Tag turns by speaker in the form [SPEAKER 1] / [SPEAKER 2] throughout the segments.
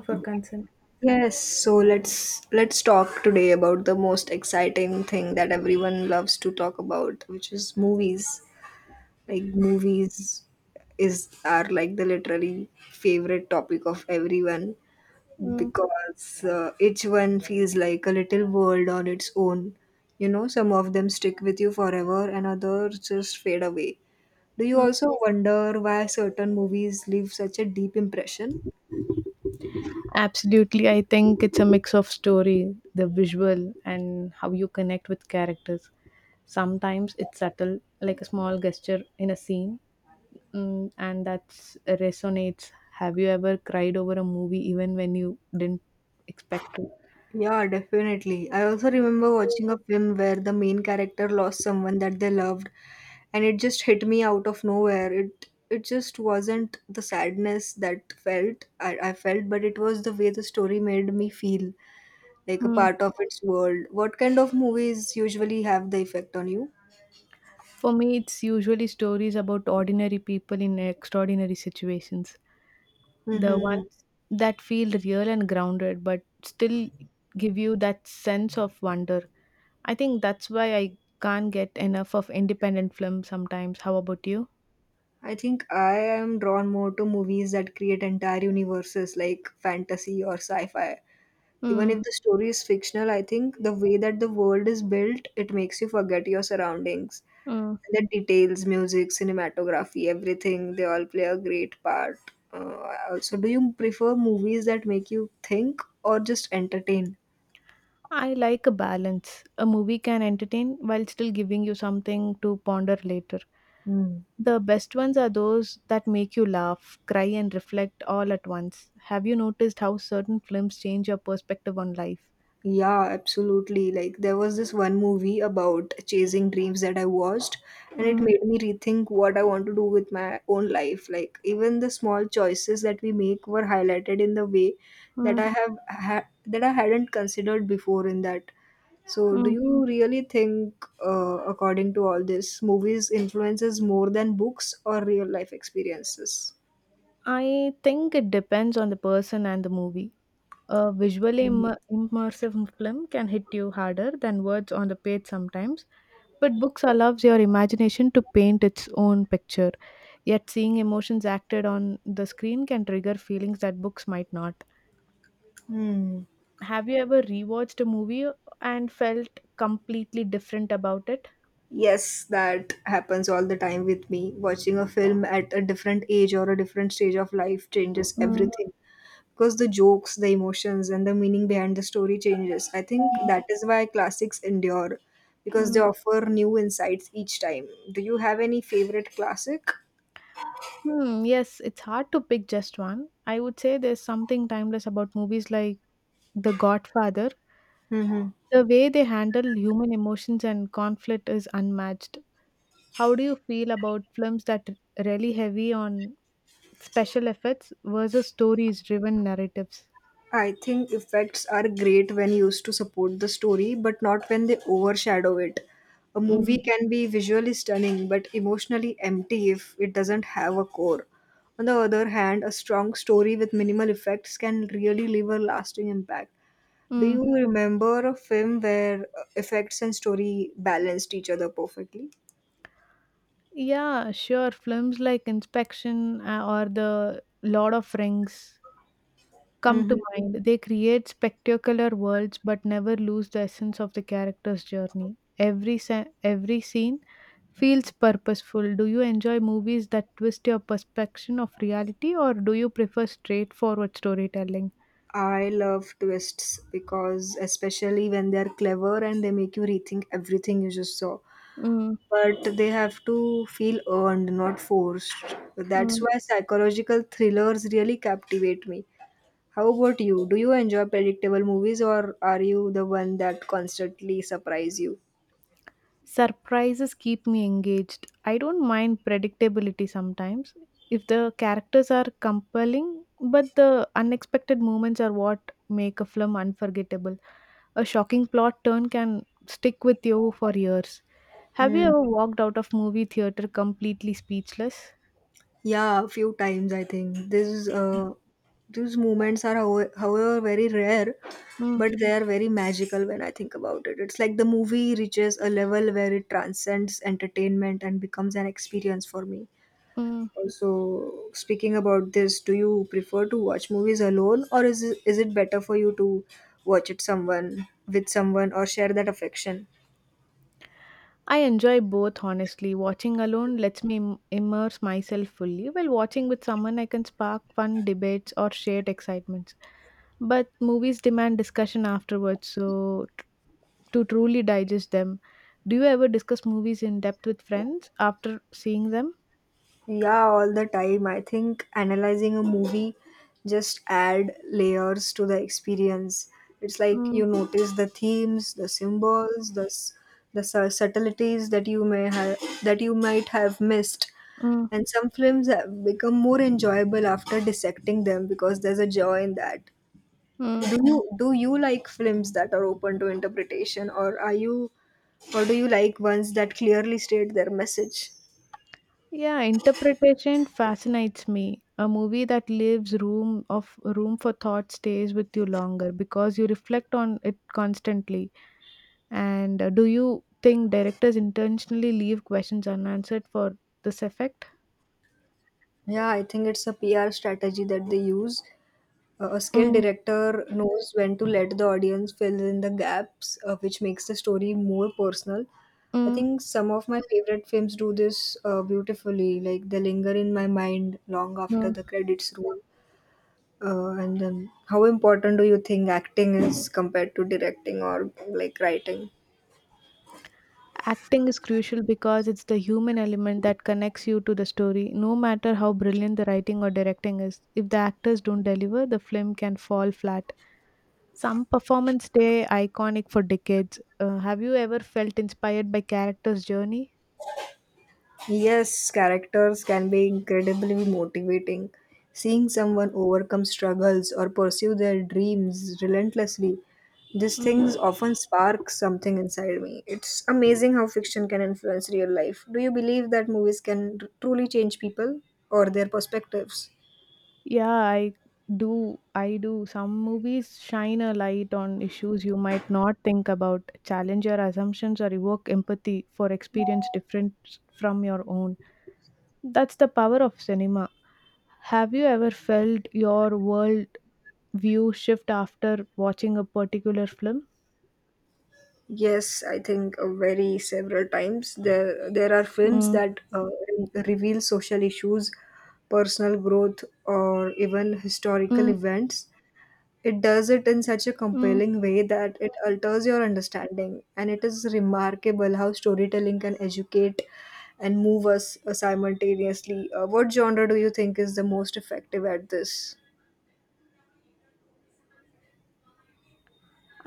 [SPEAKER 1] For consent.
[SPEAKER 2] Yes, so let's talk today about the most exciting thing that everyone loves to talk about, which is movies. Like movies is are like the literally favorite topic of everyone
[SPEAKER 1] Mm.
[SPEAKER 2] because each one feels like a little world on its own. You know, some of them stick with you forever and others just fade away. Do you
[SPEAKER 1] Mm.
[SPEAKER 2] also wonder why certain movies leave such a deep impression?
[SPEAKER 1] Absolutely, I think it's a mix of story, the visual, and how you connect with characters. Sometimes it's subtle, like a small gesture in a scene, and that resonates. Have you ever cried over a movie even when you didn't expect to?
[SPEAKER 2] Yeah, definitely. I also remember watching a film where the main character lost someone that they loved, and it just hit me out of nowhere. It just wasn't the sadness that felt I felt, but it was the way the story made me feel, like a
[SPEAKER 1] Mm.
[SPEAKER 2] part of its world. What kind of movies usually have the effect on you?
[SPEAKER 1] For me, it's usually stories about ordinary people in extraordinary situations. The
[SPEAKER 2] Mm-hmm.
[SPEAKER 1] ones that feel real and grounded, but still give you that sense of wonder. I think that's why I can't get enough of independent films sometimes. How about you?
[SPEAKER 2] I think I am drawn more to movies that create entire universes like fantasy or sci-fi. Even
[SPEAKER 1] Mm.
[SPEAKER 2] if the story is fictional, I think the way that the world is built, it makes you forget your surroundings
[SPEAKER 1] Mm.
[SPEAKER 2] and the details, music, cinematography, everything, they all play a great part. uh, Also, do you prefer movies that make you think or just entertain?
[SPEAKER 1] I like a balance. A movie can entertain while still giving you something to ponder later. The best ones are those that make you laugh, cry, and reflect all at once. Have you noticed how certain films change your perspective on life?
[SPEAKER 2] Yeah, absolutely. Like there was this one movie about chasing dreams that I watched, and
[SPEAKER 1] Mm.
[SPEAKER 2] it made me rethink what I want to do with my own life. Like even the small choices that we make were highlighted in the way
[SPEAKER 1] Mm.
[SPEAKER 2] that I hadn't considered before in that. So do
[SPEAKER 1] Mm.
[SPEAKER 2] you really think according to all this, movies influences more than books or real life experiences?
[SPEAKER 1] I think it depends on the person and the movie. A visually immersive film can hit you harder than words on the page sometimes, but books allows your imagination to paint its own picture, yet seeing emotions acted on the screen can trigger feelings that books might not.
[SPEAKER 2] Hmm.
[SPEAKER 1] Have you ever rewatched a movie and felt completely different about it?
[SPEAKER 2] Yes, that happens all the time with me. Watching a film at a different age or a different stage of life changes
[SPEAKER 1] Mm.
[SPEAKER 2] everything because the jokes, the emotions, and the meaning behind the story changes. I think
[SPEAKER 1] Mm.
[SPEAKER 2] that is why classics endure because they
[SPEAKER 1] Mm.
[SPEAKER 2] offer new insights each time. Do you have any favorite classic?
[SPEAKER 1] Hmm, yes, it's hard to pick just one. I would say there's something timeless about movies like The Godfather.
[SPEAKER 2] Mm-hmm.
[SPEAKER 1] The way they handle human emotions and conflict is unmatched. How do you feel about films that rely heavy on special effects versus stories driven narratives?
[SPEAKER 2] I think effects are great when used to support the story, but not when they overshadow it. A
[SPEAKER 1] Mm.
[SPEAKER 2] movie can be visually stunning but emotionally empty if it doesn't have a core. On the other hand, a strong story with minimal effects can really leave a lasting impact. Do
[SPEAKER 1] Mm.
[SPEAKER 2] you remember a film where effects and story balanced each other perfectly?
[SPEAKER 1] Yeah, sure. Films like Inspection or The Lord of Rings come
[SPEAKER 2] Hmm.
[SPEAKER 1] to mind. They create spectacular worlds but never lose the essence of the character's journey. Every every scene feels purposeful. Do you enjoy movies that twist your perception of reality or do you prefer straightforward storytelling?
[SPEAKER 2] I love twists because, especially when they're clever and they make you rethink everything you just saw.
[SPEAKER 1] Mm.
[SPEAKER 2] But they have to feel earned, not forced. That's why psychological thrillers really captivate me. How about you? Do you enjoy predictable movies or are you the one that constantly surprise you?
[SPEAKER 1] Surprises keep me engaged. I don't mind predictability sometimes if the characters are compelling, but the unexpected moments are what make a film unforgettable. A shocking plot turn can stick with you for years. Have you
[SPEAKER 2] Hmm.
[SPEAKER 1] ever walked out of movie theater completely speechless?
[SPEAKER 2] Yeah, a few times I think. These moments are however very rare,
[SPEAKER 1] Mm.
[SPEAKER 2] but they are very magical when I think about it. It's like the movie reaches a level where it transcends entertainment and becomes an experience for me.
[SPEAKER 1] Mm.
[SPEAKER 2] So speaking about this, do you prefer to watch movies alone, or is it better for you to watch it someone with someone or share that affection?
[SPEAKER 1] I enjoy both, honestly. Watching alone lets me immerse myself fully, while watching with someone, I can spark fun debates or shared excitements, but movies demand discussion afterwards so to truly digest them. Do you ever discuss movies in depth with friends after seeing them?
[SPEAKER 2] Yeah, all the time. I think analyzing a movie just add layers to the experience. It's like
[SPEAKER 1] Mm.
[SPEAKER 2] you notice the themes, the symbols, the subtleties that you may have that you might have missed.
[SPEAKER 1] Mm.
[SPEAKER 2] And some films have become more enjoyable after dissecting them because there's a joy in that.
[SPEAKER 1] Mm.
[SPEAKER 2] Do you like films that are open to interpretation or are you or do you like ones that clearly state their message?
[SPEAKER 1] Yeah, interpretation fascinates me. A movie that leaves room of room for thought stays with you longer because you reflect on it constantly. And do you think directors intentionally leave questions unanswered for this effect?
[SPEAKER 2] Yeah, I think it's a pr strategy that they use. A skilled
[SPEAKER 1] Mm.
[SPEAKER 2] director knows when to let the audience fill in the gaps, which makes the story more personal. I
[SPEAKER 1] Mm.
[SPEAKER 2] think some of my favorite films do this beautifully, like they linger in my mind long after the
[SPEAKER 1] Mm.
[SPEAKER 2] credits roll. And then, how important do you think acting is compared to directing or like writing?
[SPEAKER 1] Acting is crucial because it's the human element that connects you to the story, no matter how brilliant the writing or directing is. If the actors don't deliver, the film can fall flat. Some performances stay iconic for decades. Have you ever felt inspired by characters' journey?
[SPEAKER 2] Yes, characters can be incredibly motivating. Seeing someone overcome struggles or pursue their dreams relentlessly, these
[SPEAKER 1] Mm.
[SPEAKER 2] things often spark something inside me. It's amazing how fiction can influence real life. Do you believe that movies can truly change people or their perspectives?
[SPEAKER 1] Yeah, I do. I do. Some movies shine a light on issues you might not think about, challenge your assumptions, or evoke empathy for experience different from your own. That's the power of cinema. Have you ever felt your world view shift after watching a particular film?
[SPEAKER 2] Yes, I think very several times there are films
[SPEAKER 1] Mm.
[SPEAKER 2] that reveal social issues, personal growth, or even historical
[SPEAKER 1] Mm.
[SPEAKER 2] events. It does it in such a
[SPEAKER 1] Mm.
[SPEAKER 2] compelling way that it alters your understanding, and it is remarkable how storytelling can educate and move us simultaneously. What genre do you think is the most effective at this?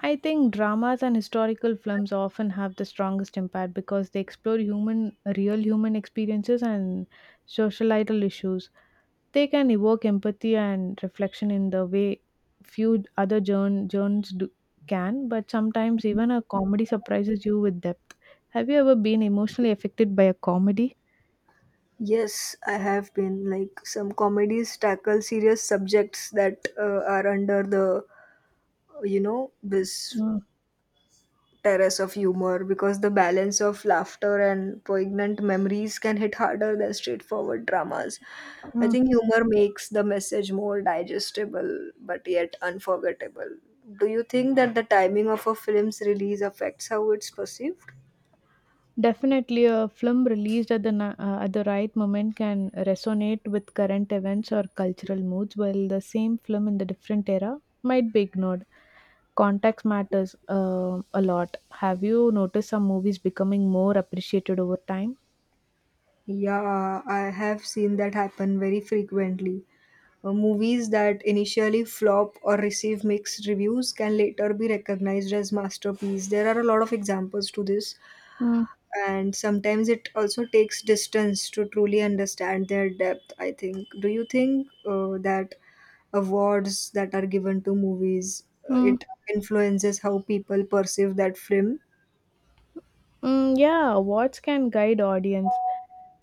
[SPEAKER 1] I think dramas and historical films often have the strongest impact because they explore human, real human experiences and societal issues. They can evoke empathy and reflection in the way few other journals do, can, but sometimes even a comedy surprises you with depth. Have you ever been emotionally affected by a comedy?
[SPEAKER 2] Yes, I have been, like some comedies tackle serious subjects that are under the you know this
[SPEAKER 1] Mm.
[SPEAKER 2] terrace of humor because the balance of laughter and poignant memories can hit harder than straightforward dramas. I
[SPEAKER 1] Mm.
[SPEAKER 2] think humor makes the message more digestible but yet unforgettable. Do you think that the timing of a film's release affects how it's perceived?
[SPEAKER 1] Definitely, a film released at the right moment can resonate with current events or cultural moods, while the same film in the different era might be ignored. Context matters a lot. Have you noticed some movies becoming more appreciated over time?
[SPEAKER 2] Yeah, I have seen that happen very frequently. Movies that initially flop or receive mixed reviews can later be recognized as masterpieces. There are a lot of examples to this,
[SPEAKER 1] Mm,
[SPEAKER 2] and sometimes it also takes distance to truly understand their depth, I think. Do you think that awards that are given to movies,
[SPEAKER 1] mm,
[SPEAKER 2] it influences how people perceive that film?
[SPEAKER 1] yeah, awards can guide audience,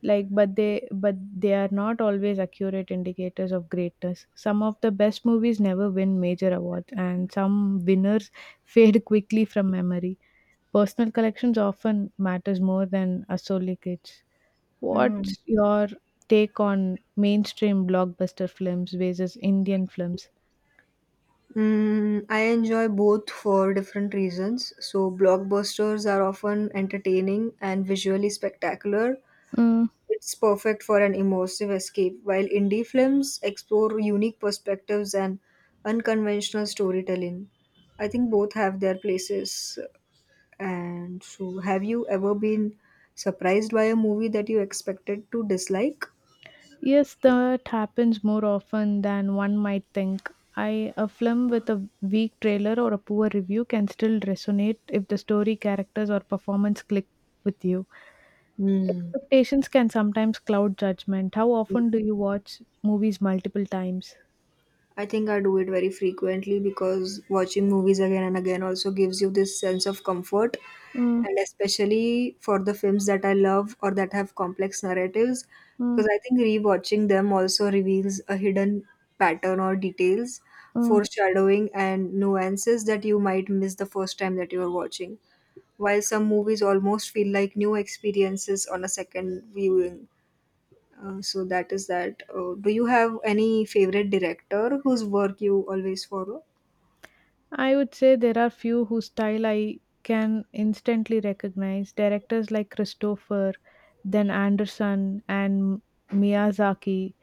[SPEAKER 1] like but they are not always accurate indicators of greatness. Some of the best movies never win major awards, and some winners fade quickly from memory. Personal collections often matters more than associates.
[SPEAKER 2] Hmm.
[SPEAKER 1] What's your take on mainstream blockbuster films versus indian films?
[SPEAKER 2] I enjoy both for different reasons. So, blockbusters are often entertaining and visually spectacular.
[SPEAKER 1] Hmm.
[SPEAKER 2] It's perfect for an immersive escape, while indie films explore unique perspectives and unconventional storytelling. I think both have their places. And so, have you ever been surprised by a movie that you expected to dislike?
[SPEAKER 1] Yes, that happens more often than one might think. I a film with a weak trailer or a poor review can still resonate if the story, characters, or performance click with you.
[SPEAKER 2] Hmm.
[SPEAKER 1] Expectations can sometimes cloud judgment. How often do you watch movies multiple times?
[SPEAKER 2] I think I do it very frequently because watching movies again and again also gives you this sense of comfort.
[SPEAKER 1] Mm.
[SPEAKER 2] And especially for the films that I love or that have complex narratives,
[SPEAKER 1] Mm.
[SPEAKER 2] because I think rewatching them also reveals a hidden pattern or details,
[SPEAKER 1] Mm.
[SPEAKER 2] foreshadowing, and nuances that you might miss the first time that you are watching. While some movies almost feel like new experiences on a second viewing. So that is that. Do you have any favorite director whose work you always follow?
[SPEAKER 1] I would say there are few whose style I can instantly recognize. Directors like Christopher, then Anderson and Miyazaki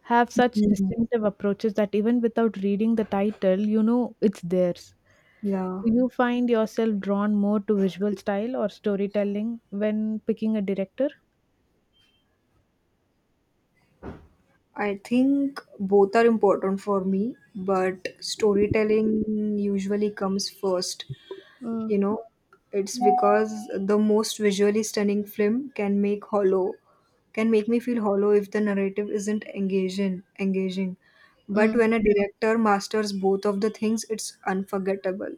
[SPEAKER 1] have such
[SPEAKER 2] Mhm.
[SPEAKER 1] distinctive approaches that even without reading the title, you know it's theirs.
[SPEAKER 2] Yeah,
[SPEAKER 1] Do you find yourself drawn more to visual style or storytelling when picking a director?
[SPEAKER 2] I think both are important for me, but storytelling usually comes first.
[SPEAKER 1] Mm.
[SPEAKER 2] You know, it's because the most visually stunning film can make hollow, can make me feel hollow if the narrative isn't engaging. But
[SPEAKER 1] Mm.
[SPEAKER 2] when a director masters both of the things, it's unforgettable.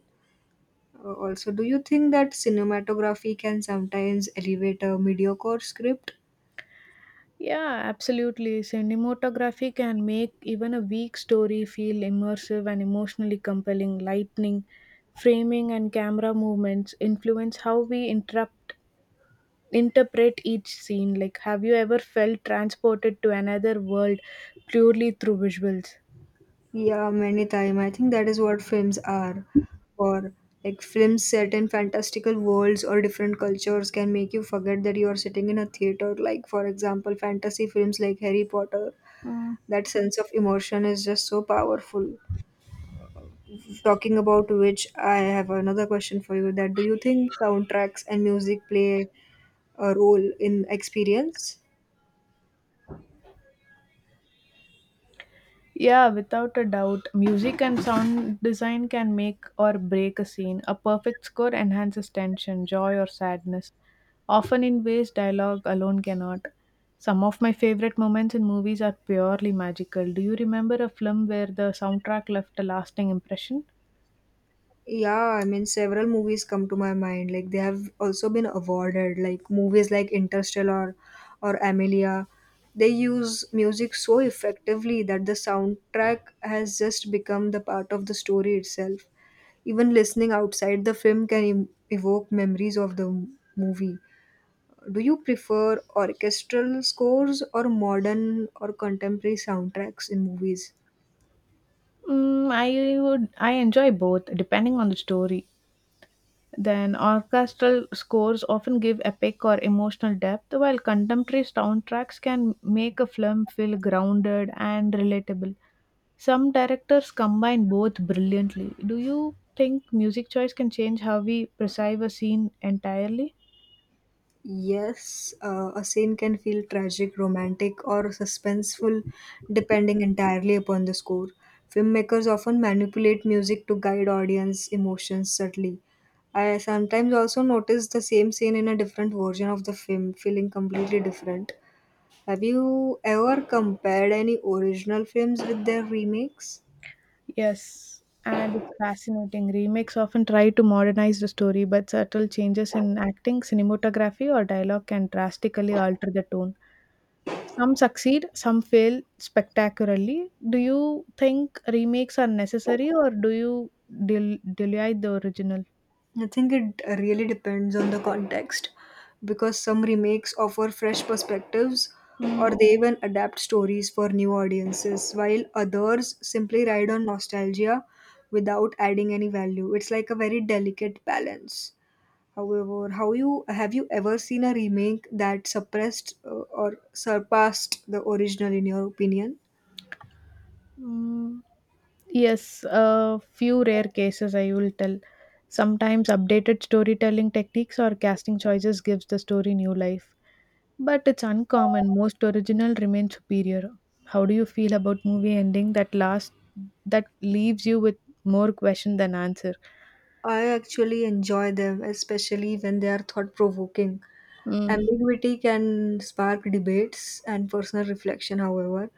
[SPEAKER 2] Also, do you think that cinematography can sometimes elevate a mediocre script?
[SPEAKER 1] Yeah, absolutely. Cinematography can make even a weak story feel immersive and emotionally compelling. Lightning, framing, and camera movements influence how we interrupt, interpret each scene. Like, have you ever felt transported to another world purely through visuals?
[SPEAKER 2] Yeah, many time. I think that is what films are. Or like films set in fantastical worlds or different cultures can make you forget that you are sitting in a theater. Like for example, fantasy films like Harry Potter. That sense of emotion is just so powerful. Talking about which, I have another question for you. That do you think soundtracks and music play a role in experience?
[SPEAKER 1] Yeah, without a doubt. Music and sound design can make or break a scene. A perfect score enhances tension, joy, or sadness, often in ways dialogue alone cannot. Some of my favorite moments in movies are purely magical. Do you remember a film where the soundtrack left a lasting impression?
[SPEAKER 2] Yeah, I mean, several movies come to my mind. Like they have also been awarded, like movies like Interstellar or Amelia. They use music so effectively that the soundtrack has just become the part of the story itself. Even listening outside the film can evoke memories of the movie. Do you prefer orchestral scores or modern or contemporary soundtracks in movies?
[SPEAKER 1] Mm, I I enjoy both depending on the story. Then orchestral scores often give epic or emotional depth, while contemporary soundtracks can make a film feel grounded and relatable. Some directors combine both brilliantly. Do you think music choice can change how we perceive a scene entirely?
[SPEAKER 2] Yes, a scene can feel tragic, romantic, or suspenseful depending entirely upon the score. Filmmakers often manipulate music to guide audience emotions subtly. I sometimes also notice the same scene in a different version of the film, feeling completely different. Have you ever compared any original films with their remakes?
[SPEAKER 1] Yes, and it's fascinating. Remakes often try to modernize the story, but subtle changes in acting, cinematography, or dialogue can drastically alter the tone. Some succeed, some fail spectacularly. Do you think remakes are necessary or do you delete the original?
[SPEAKER 2] I think it really depends on the context because some remakes offer fresh perspectives
[SPEAKER 1] Mm,
[SPEAKER 2] or they even adapt stories for new audiences, while others simply ride on nostalgia without adding any value. It's like a very delicate balance. However, how you have you ever seen a remake that suppressed or surpassed the original in your opinion?
[SPEAKER 1] mm, yes, a few rare cases I will tell. Sometimes updated storytelling techniques or casting choices gives the story new life, but it's uncommon. Most original remain superior. How do you feel about movie ending that last that leaves you with more question than answer?
[SPEAKER 2] I actually enjoy them, especially when they are thought provoking.
[SPEAKER 1] Mm.
[SPEAKER 2] Ambiguity can spark debates and personal reflection, however,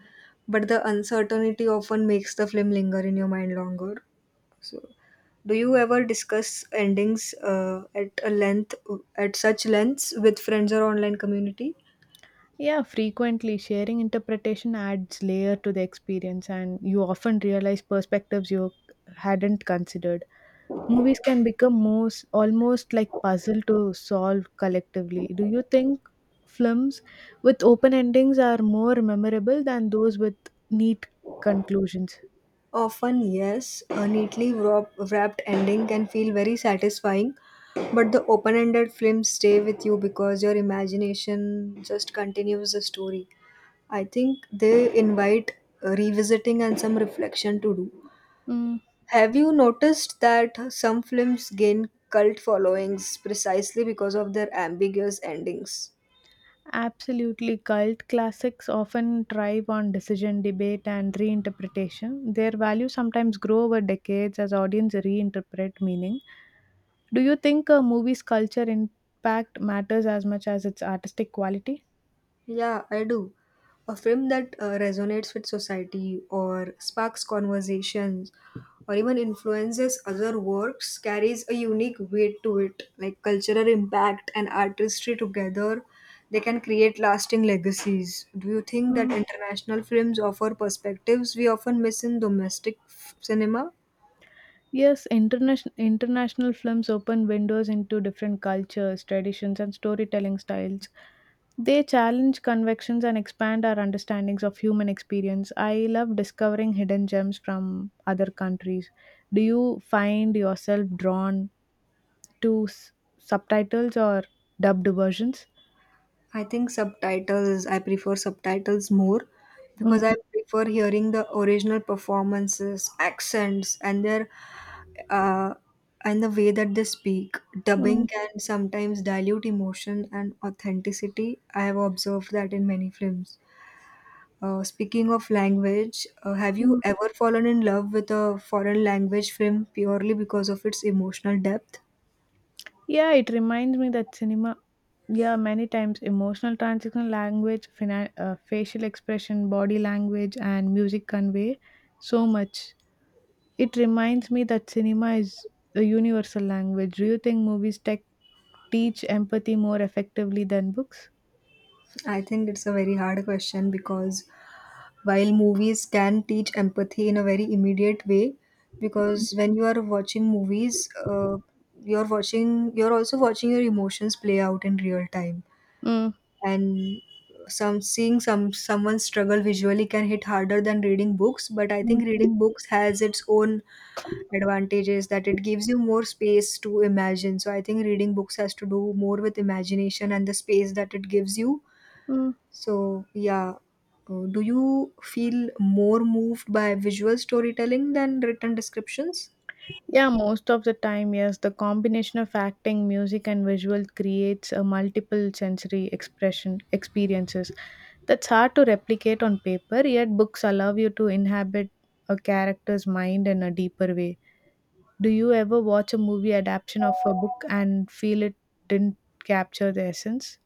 [SPEAKER 2] but the uncertainty often makes the film linger in your mind longer. So, do you ever discuss endings at such lengths, with friends or online community?
[SPEAKER 1] Yeah, frequently sharing interpretation adds layer to the experience, and you often realize perspectives you hadn't considered. Movies can become most almost like puzzle to solve collectively. Do you think films with open endings are more memorable than those with neat conclusions?
[SPEAKER 2] Often, yes. A neatly wrapped ending can feel very satisfying, but the open-ended films stay with you because your imagination just continues the story. I think they invite revisiting and some reflection to do.
[SPEAKER 1] Mm.
[SPEAKER 2] Have you noticed that some films gain cult followings precisely because of their ambiguous endings?
[SPEAKER 1] Absolutely, cult classics often thrive on decision debate and reinterpretation. Their value sometimes grow over decades as audiences reinterpret meaning. Do you think a movie's culture impact matters as much as its artistic quality?
[SPEAKER 2] Yeah, I do. A film that resonates with society or sparks conversations or even influences other works carries a unique weight to it, like cultural impact and artistry together. They can create lasting legacies. Do you think that international films offer perspectives we often miss in domestic cinema?
[SPEAKER 1] Yes, international films open windows into different cultures, traditions, and storytelling styles. They challenge convictions and expand our understandings of human experience. I love discovering hidden gems from other countries. Do you find yourself drawn to subtitles or dubbed versions?
[SPEAKER 2] I think subtitles, I prefer subtitles more because I
[SPEAKER 1] Mm.
[SPEAKER 2] prefer hearing the original performances, accents, and their uh, and the way that they speak. Dubbing
[SPEAKER 1] Mm.
[SPEAKER 2] can sometimes dilute emotion and authenticity. I have observed that in many films. Speaking of language, have you
[SPEAKER 1] Mm.
[SPEAKER 2] ever fallen in love with a foreign language film purely because of its emotional depth?
[SPEAKER 1] Yeah, it reminds me that cinema. Yeah, many times emotional transitional language, facial expression, body language, and music convey so much. It reminds me that cinema is a universal language. Do you think movies tech teach empathy more effectively than books?
[SPEAKER 2] I think it's a very hard question because while movies can teach empathy in a very immediate way, because when you are watching movies, you're watching, you're also watching your emotions play out in real time,
[SPEAKER 1] Mm.
[SPEAKER 2] and some seeing some someone struggle visually can hit harder than reading books. But I think reading books has its own advantages that it gives you more space to imagine. So I think reading books has to do more with imagination and the space that it gives you,
[SPEAKER 1] Mm.
[SPEAKER 2] so, yeah, do you feel more moved by visual storytelling than written descriptions?
[SPEAKER 1] Yeah, most of the time, yes. The combination of acting, music, and visual creates a multiple sensory expression experiences that's hard to replicate on paper. Yet, books allow you to inhabit a character's mind in a deeper way. Do you ever watch a movie adaptation of a book and feel it didn't capture the essence?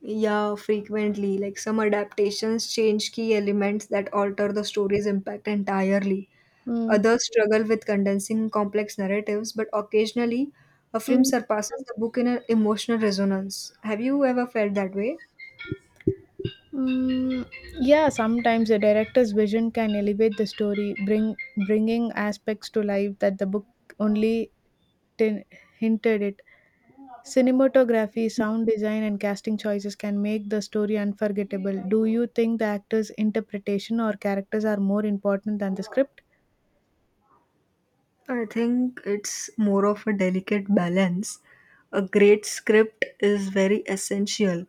[SPEAKER 2] Yeah, frequently. Like some adaptations change key elements that alter the story's impact entirely.
[SPEAKER 1] Mm.
[SPEAKER 2] Others struggle with condensing complex narratives, but occasionally a film
[SPEAKER 1] Mm.
[SPEAKER 2] surpasses the book in an emotional resonance. Have you ever felt that way?
[SPEAKER 1] Mm. Yeah, sometimes the director's vision can elevate the story, bringing aspects to life that the book only tin- hinted it. Cinematography, sound design, and casting choices can make the story unforgettable. Do you think the actor's interpretation or characters are more important than the script?
[SPEAKER 2] I think it's more of a delicate balance. A great script is very essential,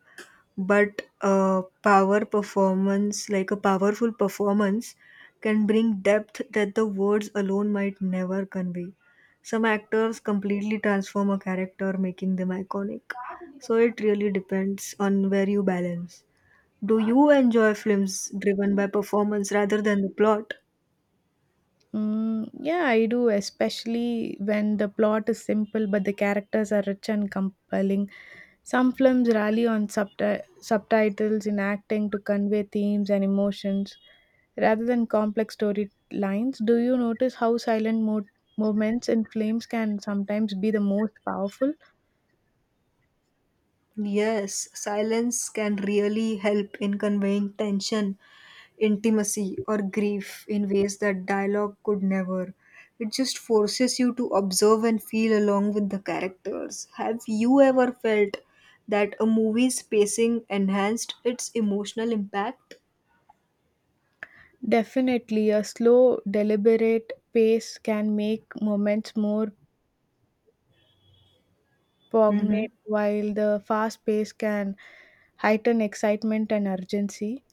[SPEAKER 2] but a power performance, like a powerful performance, can bring depth that the words alone might never convey. Some actors completely transform a character, making them iconic. So it really depends on where you balance. Do you enjoy films driven by performance rather than the plot?
[SPEAKER 1] Mm, yeah, I do, especially when the plot is simple but the characters are rich and compelling. Some films rely on subtitles in acting to convey themes and emotions rather than complex storylines. Do you notice how silent moments in films can sometimes be the most powerful?
[SPEAKER 2] Yes, silence can really help in conveying tension, intimacy, or grief in ways that dialogue could never. It just forces you to observe and feel along with the characters. Have you ever felt that a movie's pacing enhanced its emotional impact?
[SPEAKER 1] Definitely, a slow, deliberate pace can make moments more
[SPEAKER 2] Mm-hmm.
[SPEAKER 1] poignant, while the fast pace can heighten excitement and urgency.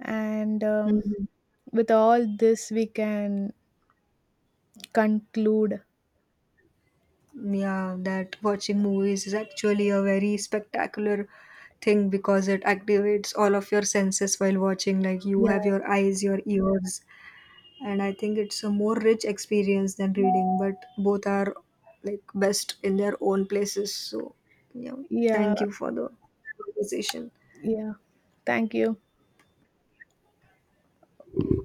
[SPEAKER 1] And
[SPEAKER 2] Mm-hmm.
[SPEAKER 1] with all this, we can conclude.
[SPEAKER 2] Yeah, that watching movies is actually a very spectacular thing because it activates all of your senses while watching. Like you
[SPEAKER 1] Yeah,
[SPEAKER 2] have your eyes, your ears, and I think it's a more rich experience than reading, but both are like best in their own places. So, yeah,
[SPEAKER 1] yeah,
[SPEAKER 2] thank you for the conversation.
[SPEAKER 1] yeah. Thank you.